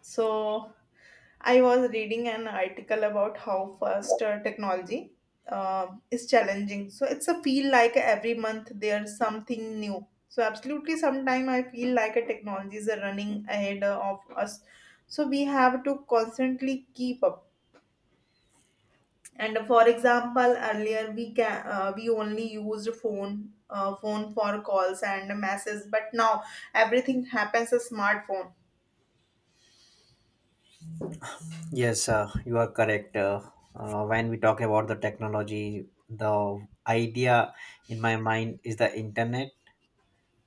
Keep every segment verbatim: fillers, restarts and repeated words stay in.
So, I was reading an article about how fast uh, technology uh, is challenging. So, it's a feel like every month there's something new. So, absolutely, sometime I feel like a technology is running ahead uh, of us. So, we have to constantly keep up. And uh, for example, earlier we can uh, we only used phone uh, phone for calls and messages, but now everything happens a smartphone. Yes, uh, you are correct. Uh, uh, when we talk about the technology, the idea in my mind is the internet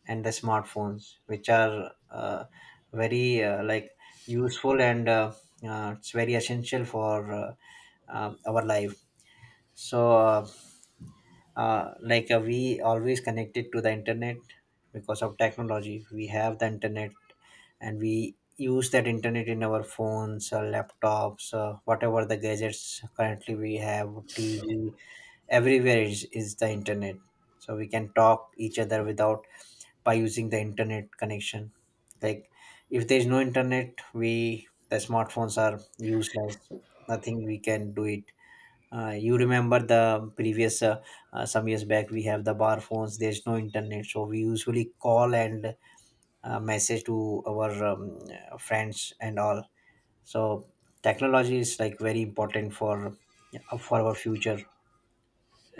and the smartphones, which are uh, very uh, like useful and uh, uh, it's very essential for uh, um our life. So uh, uh, like uh, we always connected to the internet, because of technology we have the internet, and we use that internet in our phones, uh, laptops, uh, whatever the gadgets currently we have, tv, everywhere is, is the internet. So we can talk each other without by using the internet connection. Like if there is no internet, we the smartphones are useless, nothing we can do it. Uh, you remember the previous uh, uh, some years back we have the bar phones, there's no internet, so we usually call and uh, message to our um, uh, friends and all. So technology is like very important for uh, for our future.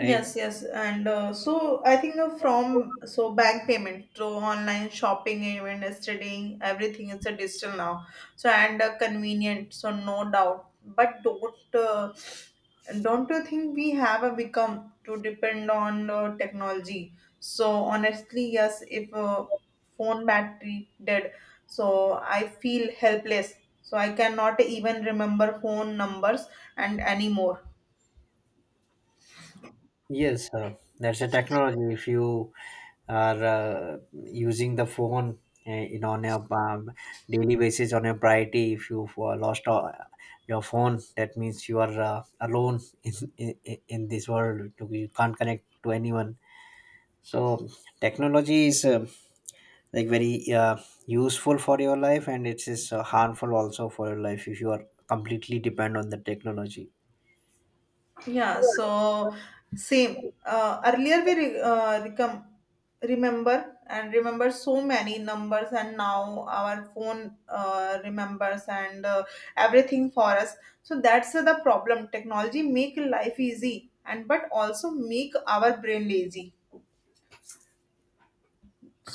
Right. yes, and uh, so I think uh, from so bank payment to online shopping, even studying, everything is a digital now. So and uh, convenient, so no doubt. But don't uh, don't you think we have uh, become to depend on uh, technology? So honestly, yes, if uh, phone battery dead, so I feel helpless. So I cannot even remember phone numbers and anymore. Yes, uh, that's a technology. If you are uh, using the phone uh, in on a um, daily basis on a priority, if you uh, lost uh, your phone, that means you are uh, alone in, in in this world. You can't connect to anyone. So technology is uh, like very uh, useful for your life, and it is uh, harmful also for your life if you are completely depend on the technology. Yeah, so same. Uh, earlier we re- uh, recom- remember and remember so many numbers, and now our phone uh, remembers and uh, everything for us. So that's the problem. Technology make life easy, and but also make our brain lazy.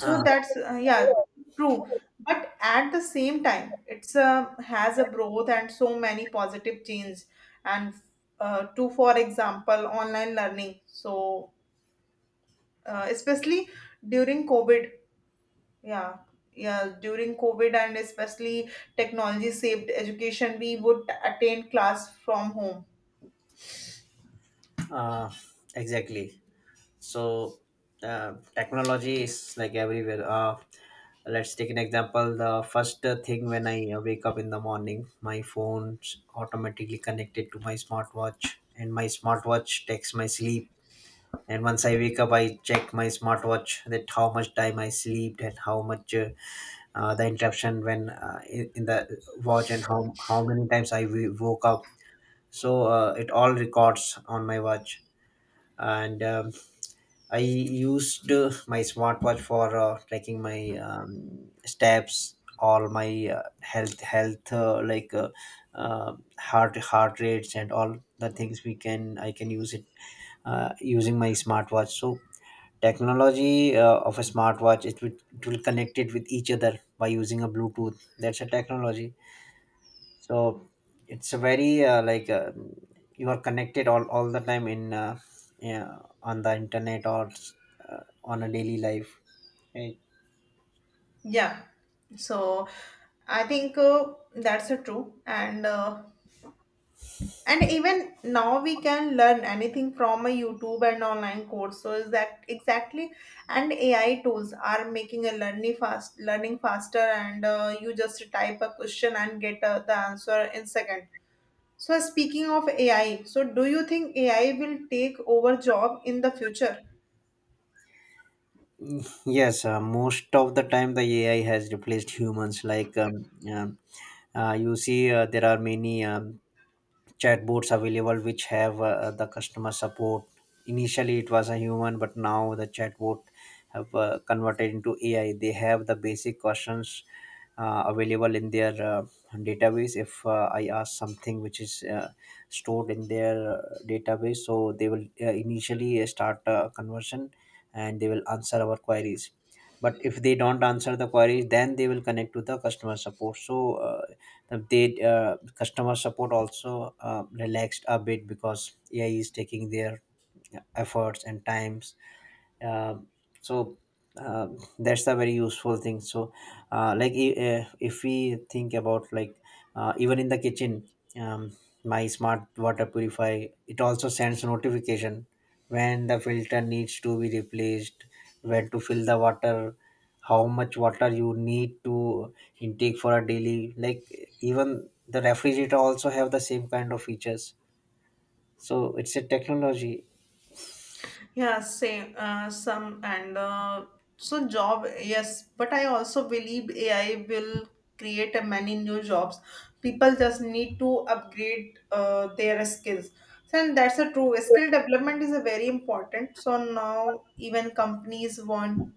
Uh, that's uh, yeah, true. But at the same time, it's uh, has a growth and so many positive change. And uh, to, for example, online learning. So uh, especially during COVID, yeah, yeah, during COVID and especially technology saved education, we would attend class from home. uh, exactly. So uh, technology is like everywhere. Uh, let's take an example, the first uh, thing when I uh, wake up in the morning, my phone's automatically connected to my smartwatch, and my smartwatch takes my sleep. And once I wake up, I check my smartwatch that how much time I slept and how much uh, uh, the interruption when uh, in, in the watch, and how, how many times I w- woke up. So uh, it all records on my watch. And um, I used uh, my smartwatch for uh, tracking my um, steps, all my uh, health, health uh, like uh, uh, heart, heart rates, and all the things we can. I can use it uh, using my smartwatch. So technology uh, of a smartwatch, it will, it will connect it with each other by using a Bluetooth. That's a technology. So it's a very uh, like uh, you are connected all, all the time in uh, yeah, on the internet or uh, on a daily life. Eh, Yeah. So I think uh, that's a true. And uh, and even now we can learn anything from a YouTube and online course. So is that exactly? And A I tools are making a learning fast, learning faster, and uh, you just type a question and get uh, the answer in second. So speaking of A I, so do you think A I will take over job in the future? yes, uh, most of the time the ai has replaced humans, like um, um, uh, you see uh, there are many um, chatbots available which have uh, uh, the customer support. Initially it was a human, but now the chatbot have uh, converted into ai. They have the basic questions uh, available in their uh, database. If uh, I ask something which is uh, stored in their uh, database, so they will uh, initially start a conversion and they will answer our queries. But if they don't answer the queries, then they will connect to the customer support. So uh, they uh, customer support also uh, relaxed a bit because ai is taking their efforts and times. Um so uh, that's a very useful thing. So uh, like i- uh, if we think about, like, uh, even in the kitchen, um, my smart water purifier, it also sends notification when the filter needs to be replaced, when to fill the water, how much water you need to intake for a daily, like, even the refrigerator also have the same kind of features. So it's a technology. Yeah, same. Uh, some and uh, so job, yes, but I also believe A I will create a many new jobs. People just need to upgrade uh, their skills. So, and that's a true. Skill development is a very important. So now even companies want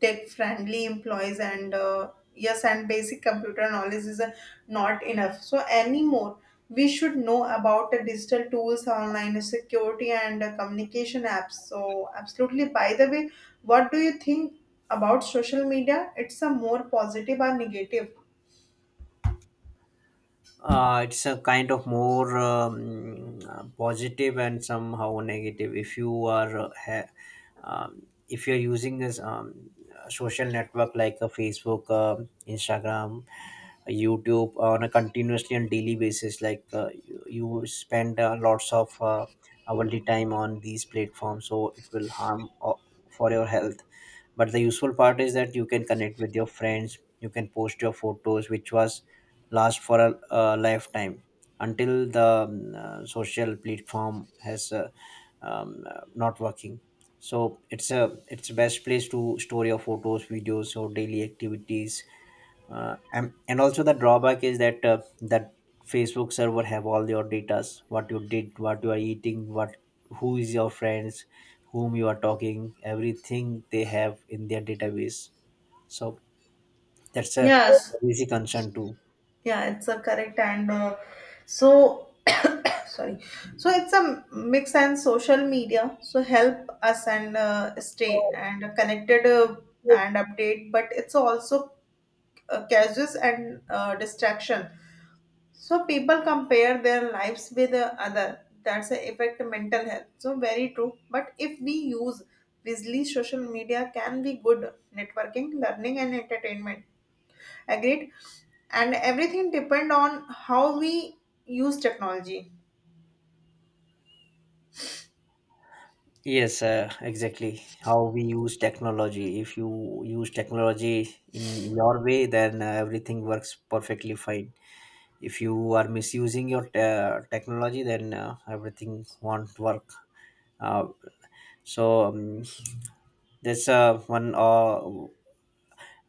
tech-friendly employees and uh, yes and basic computer knowledge is uh, not enough so anymore we should know about the digital tools online security and uh, communication apps so absolutely by the way what do you think about social media it's a more positive or negative? Uh, it's a kind of more um, uh, positive and somehow negative. If you are uh, ha- um, if you're using this um, uh, social network, like a Facebook, um Instagram, YouTube on a continuously and daily basis, like uh, you, you spend uh, lots of uh, hourly time on these platforms, so it will harm uh, for your health. But the useful part is that you can connect with your friends. You can post your photos, which was last for a, a lifetime, until the um, uh, social platform has uh, um, uh, not working. So it's a it's best place to store your photos, videos or daily activities. Uh, and, and also the drawback is that uh, that facebook server have all your datas, what you did, what you are eating, what, who is your friends, whom you are talking, everything they have in their database. So that's a Yes. easy concern too. Yeah, it's a correct and uh, so sorry, so it's a mix and social media so help us and uh, stay and connected uh, and update but it's also uh, causes and uh, distraction so people compare their lives with the other that's a affect mental health so very true but if we use wisely social media can be good networking learning and entertainment agreed and everything depend on how we use technology. Yes, uh, exactly. How we use technology. If you use technology in your way, then uh, everything works perfectly fine. If you are misusing your uh, technology, then uh, everything won't work. Uh, so um, there's uh, one uh,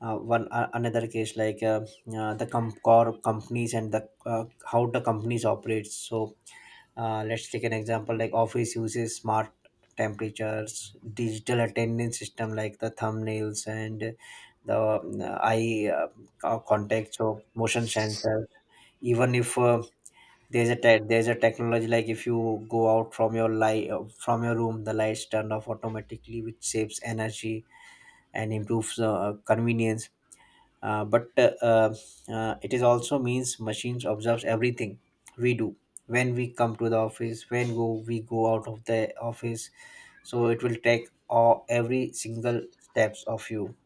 uh, one uh, another case, like uh, uh, the com- core companies and the uh, how the companies operate. So Uh, let's take an example, like office uses smart temperatures, digital attendance system like the thumbnails and the uh, eye uh, co- contact, so motion sensors. Even if uh, there's a te- there's a technology, like if you go out from your light uh, from your room, the lights turn off automatically, which saves energy and improves uh, convenience. Uh, but uh, uh, uh, It is also means machines observes everything we do, when we come to the office, when go we go out of the office. So it will take all, every single steps of you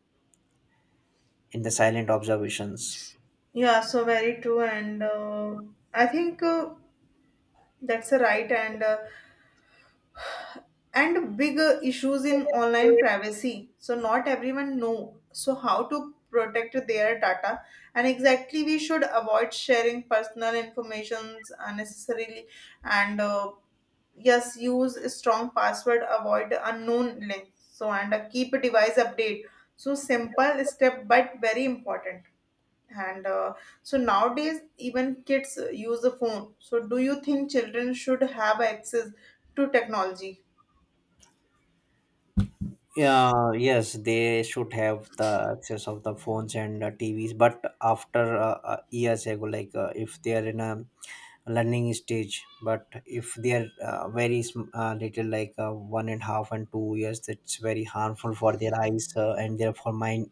in the silent observations. Yeah, so very true, and uh, I think uh, that's a right and uh, and big uh, issues in online privacy. So not everyone know so how to protect their data, and exactly we should avoid sharing personal informations unnecessarily, and uh, yes, use a strong password, avoid unknown links. So and uh, keep a device update. So simple step, but very important. And uh, so nowadays even kids uh, use a phone so do you think children should have access to technology? Yeah. Yes, they should have the access of the phones and uh, tvs, but after uh, uh, years ago, like uh, if they are in a learning stage. But if they are uh, very sm- uh, little, like uh, one and a half and two years, that's very harmful for their eyes uh, and therefore mind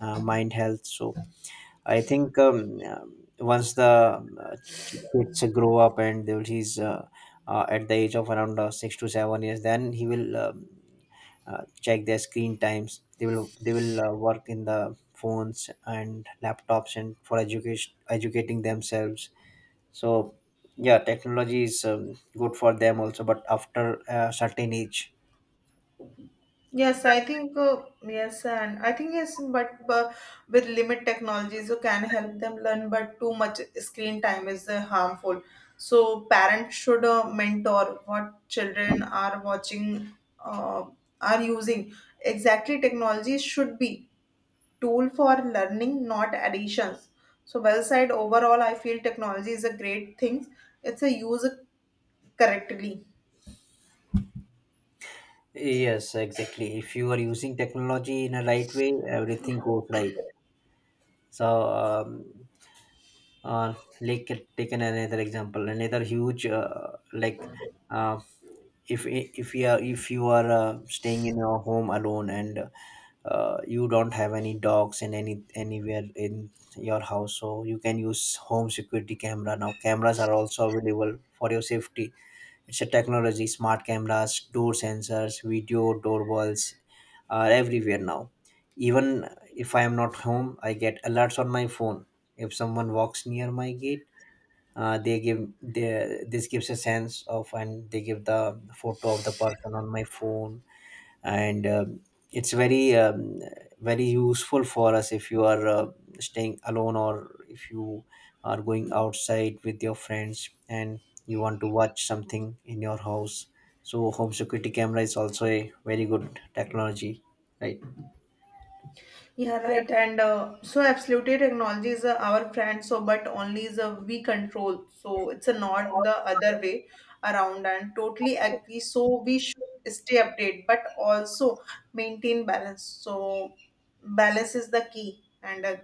uh, mind health. So I think um, um, once the uh, ch- kids grow up and they will he's uh, uh, at the age of around uh, six to seven years, then he will um, uh, check their screen times. They will they will uh, work in the phones and laptops and for education educating themselves. So yeah, technology is um, good for them also, but after a certain age. Yes, I think uh, yes, and I think yes but uh, with limit technologies, so can help them learn but too much screen time is uh, harmful so parents should uh, mentor what children are watching, uh, are using, exactly technology should be tool for learning, not additions. So well said. Overall, I feel technology is a great thing. It's a use correctly. Yes, exactly. If you are using technology in a right way, everything goes right. So um, uh, like uh, taken another example, another huge uh, like uh, if if you are if you are uh, staying in your home alone and uh, you don't have any dogs in any anywhere in your house, so you can use home security camera, now cameras are also available for your safety. It's a technology, smart cameras, door sensors, video doorbells are everywhere now. Even if I am not home, I get alerts on my phone. If someone walks near my gate, uh, they give they, this gives a sense of and they give the photo of the person on my phone. And um, It's very um, very useful for us if you are uh, staying alone or if you are going outside with your friends and you want to watch something in your house. So home security camera is also a very good technology. Right. Yeah, right. And uh, so absolutely, technology is uh, our friend. So, but only is a we control. So it's a not the other way around. And totally agree. So we should stay updated, but also maintain balance. So balance is the key. And uh,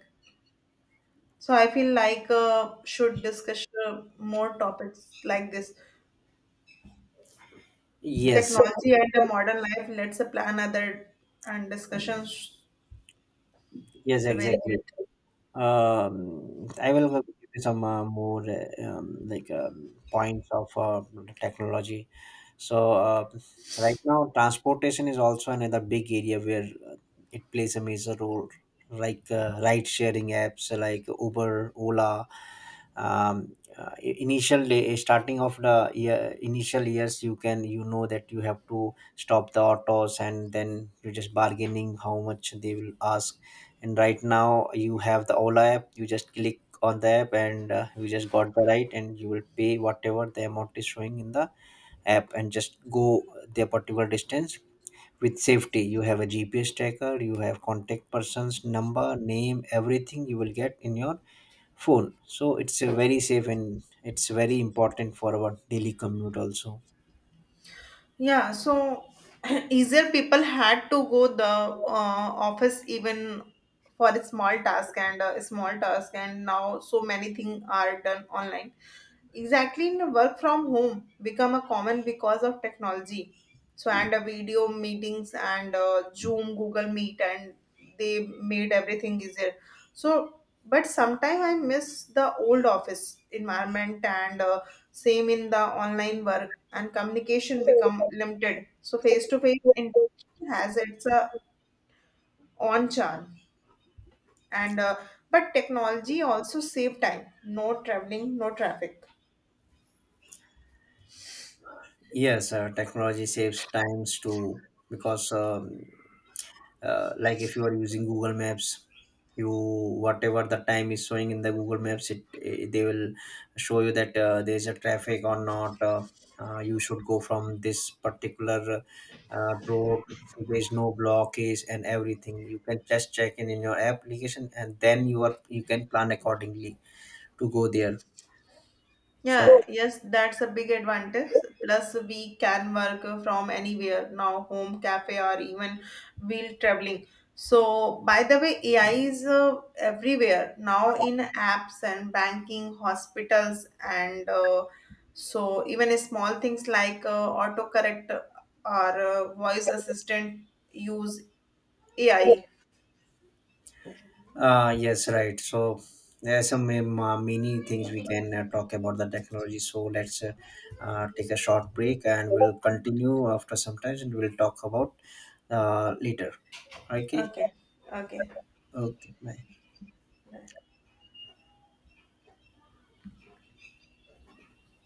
so I feel like uh, should discuss uh, more topics like this. Yes. Technology and the modern life. Let's plan other and discussions. Yes, It's a very exactly. good. Um, I will give you some uh, more uh, um, like um, points of uh, technology. So uh, right now, transportation is also another big area where uh, it plays a major role, like uh, ride-sharing apps like Uber, Ola, um, uh, initial day, eh, starting of the year, initial years you can, you know that you have to stop the autos and then you're just bargaining how much they will ask. And right now you have the ola app, you just click on the app and uh, you just got the right and you will pay whatever the amount is showing in the app and just go the particular distance with safety. You have a gps tracker, you have contact person's number, name, everything you will get in your phone. So it's uh, very safe, and it's very important for our daily commute also. Yeah, so easier people had to go the uh, office even for a small task and uh, a small task and now so many things are done online. Exactly, in work from home become a common because of technology. So and uh, video meetings and uh, Zoom, Google Meet and they made everything easier. So but sometimes I miss the old office environment and uh, same in the online work and communication become limited so face to face interaction has its uh, own charm and uh, but technology also save time no traveling no traffic. Yes, uh, technology saves times too, because um, uh, like if you are using google maps, you whatever the time is showing in the google maps, it, eh, they will show you that uh, there is a traffic or not, uh, uh, you should go from this particular uh, road, there is no blockage, and everything you can just check in in your application, and then you are you can plan accordingly to go there. So, Yeah, yes, that's a big advantage. Plus, we can work from anywhere now, home, cafe, or even while traveling. So, by the way, A I is uh, everywhere now in apps and banking, hospitals, and uh, so even small things like uh, autocorrect or uh, voice assistant use A I. uh, yes, right. So, there are some um, uh, many things we can uh, talk about the technology. So, let's uh, uh, take a short break and we'll continue after some time and we'll talk about uh, later. Okay. Okay, okay. Okay. Bye.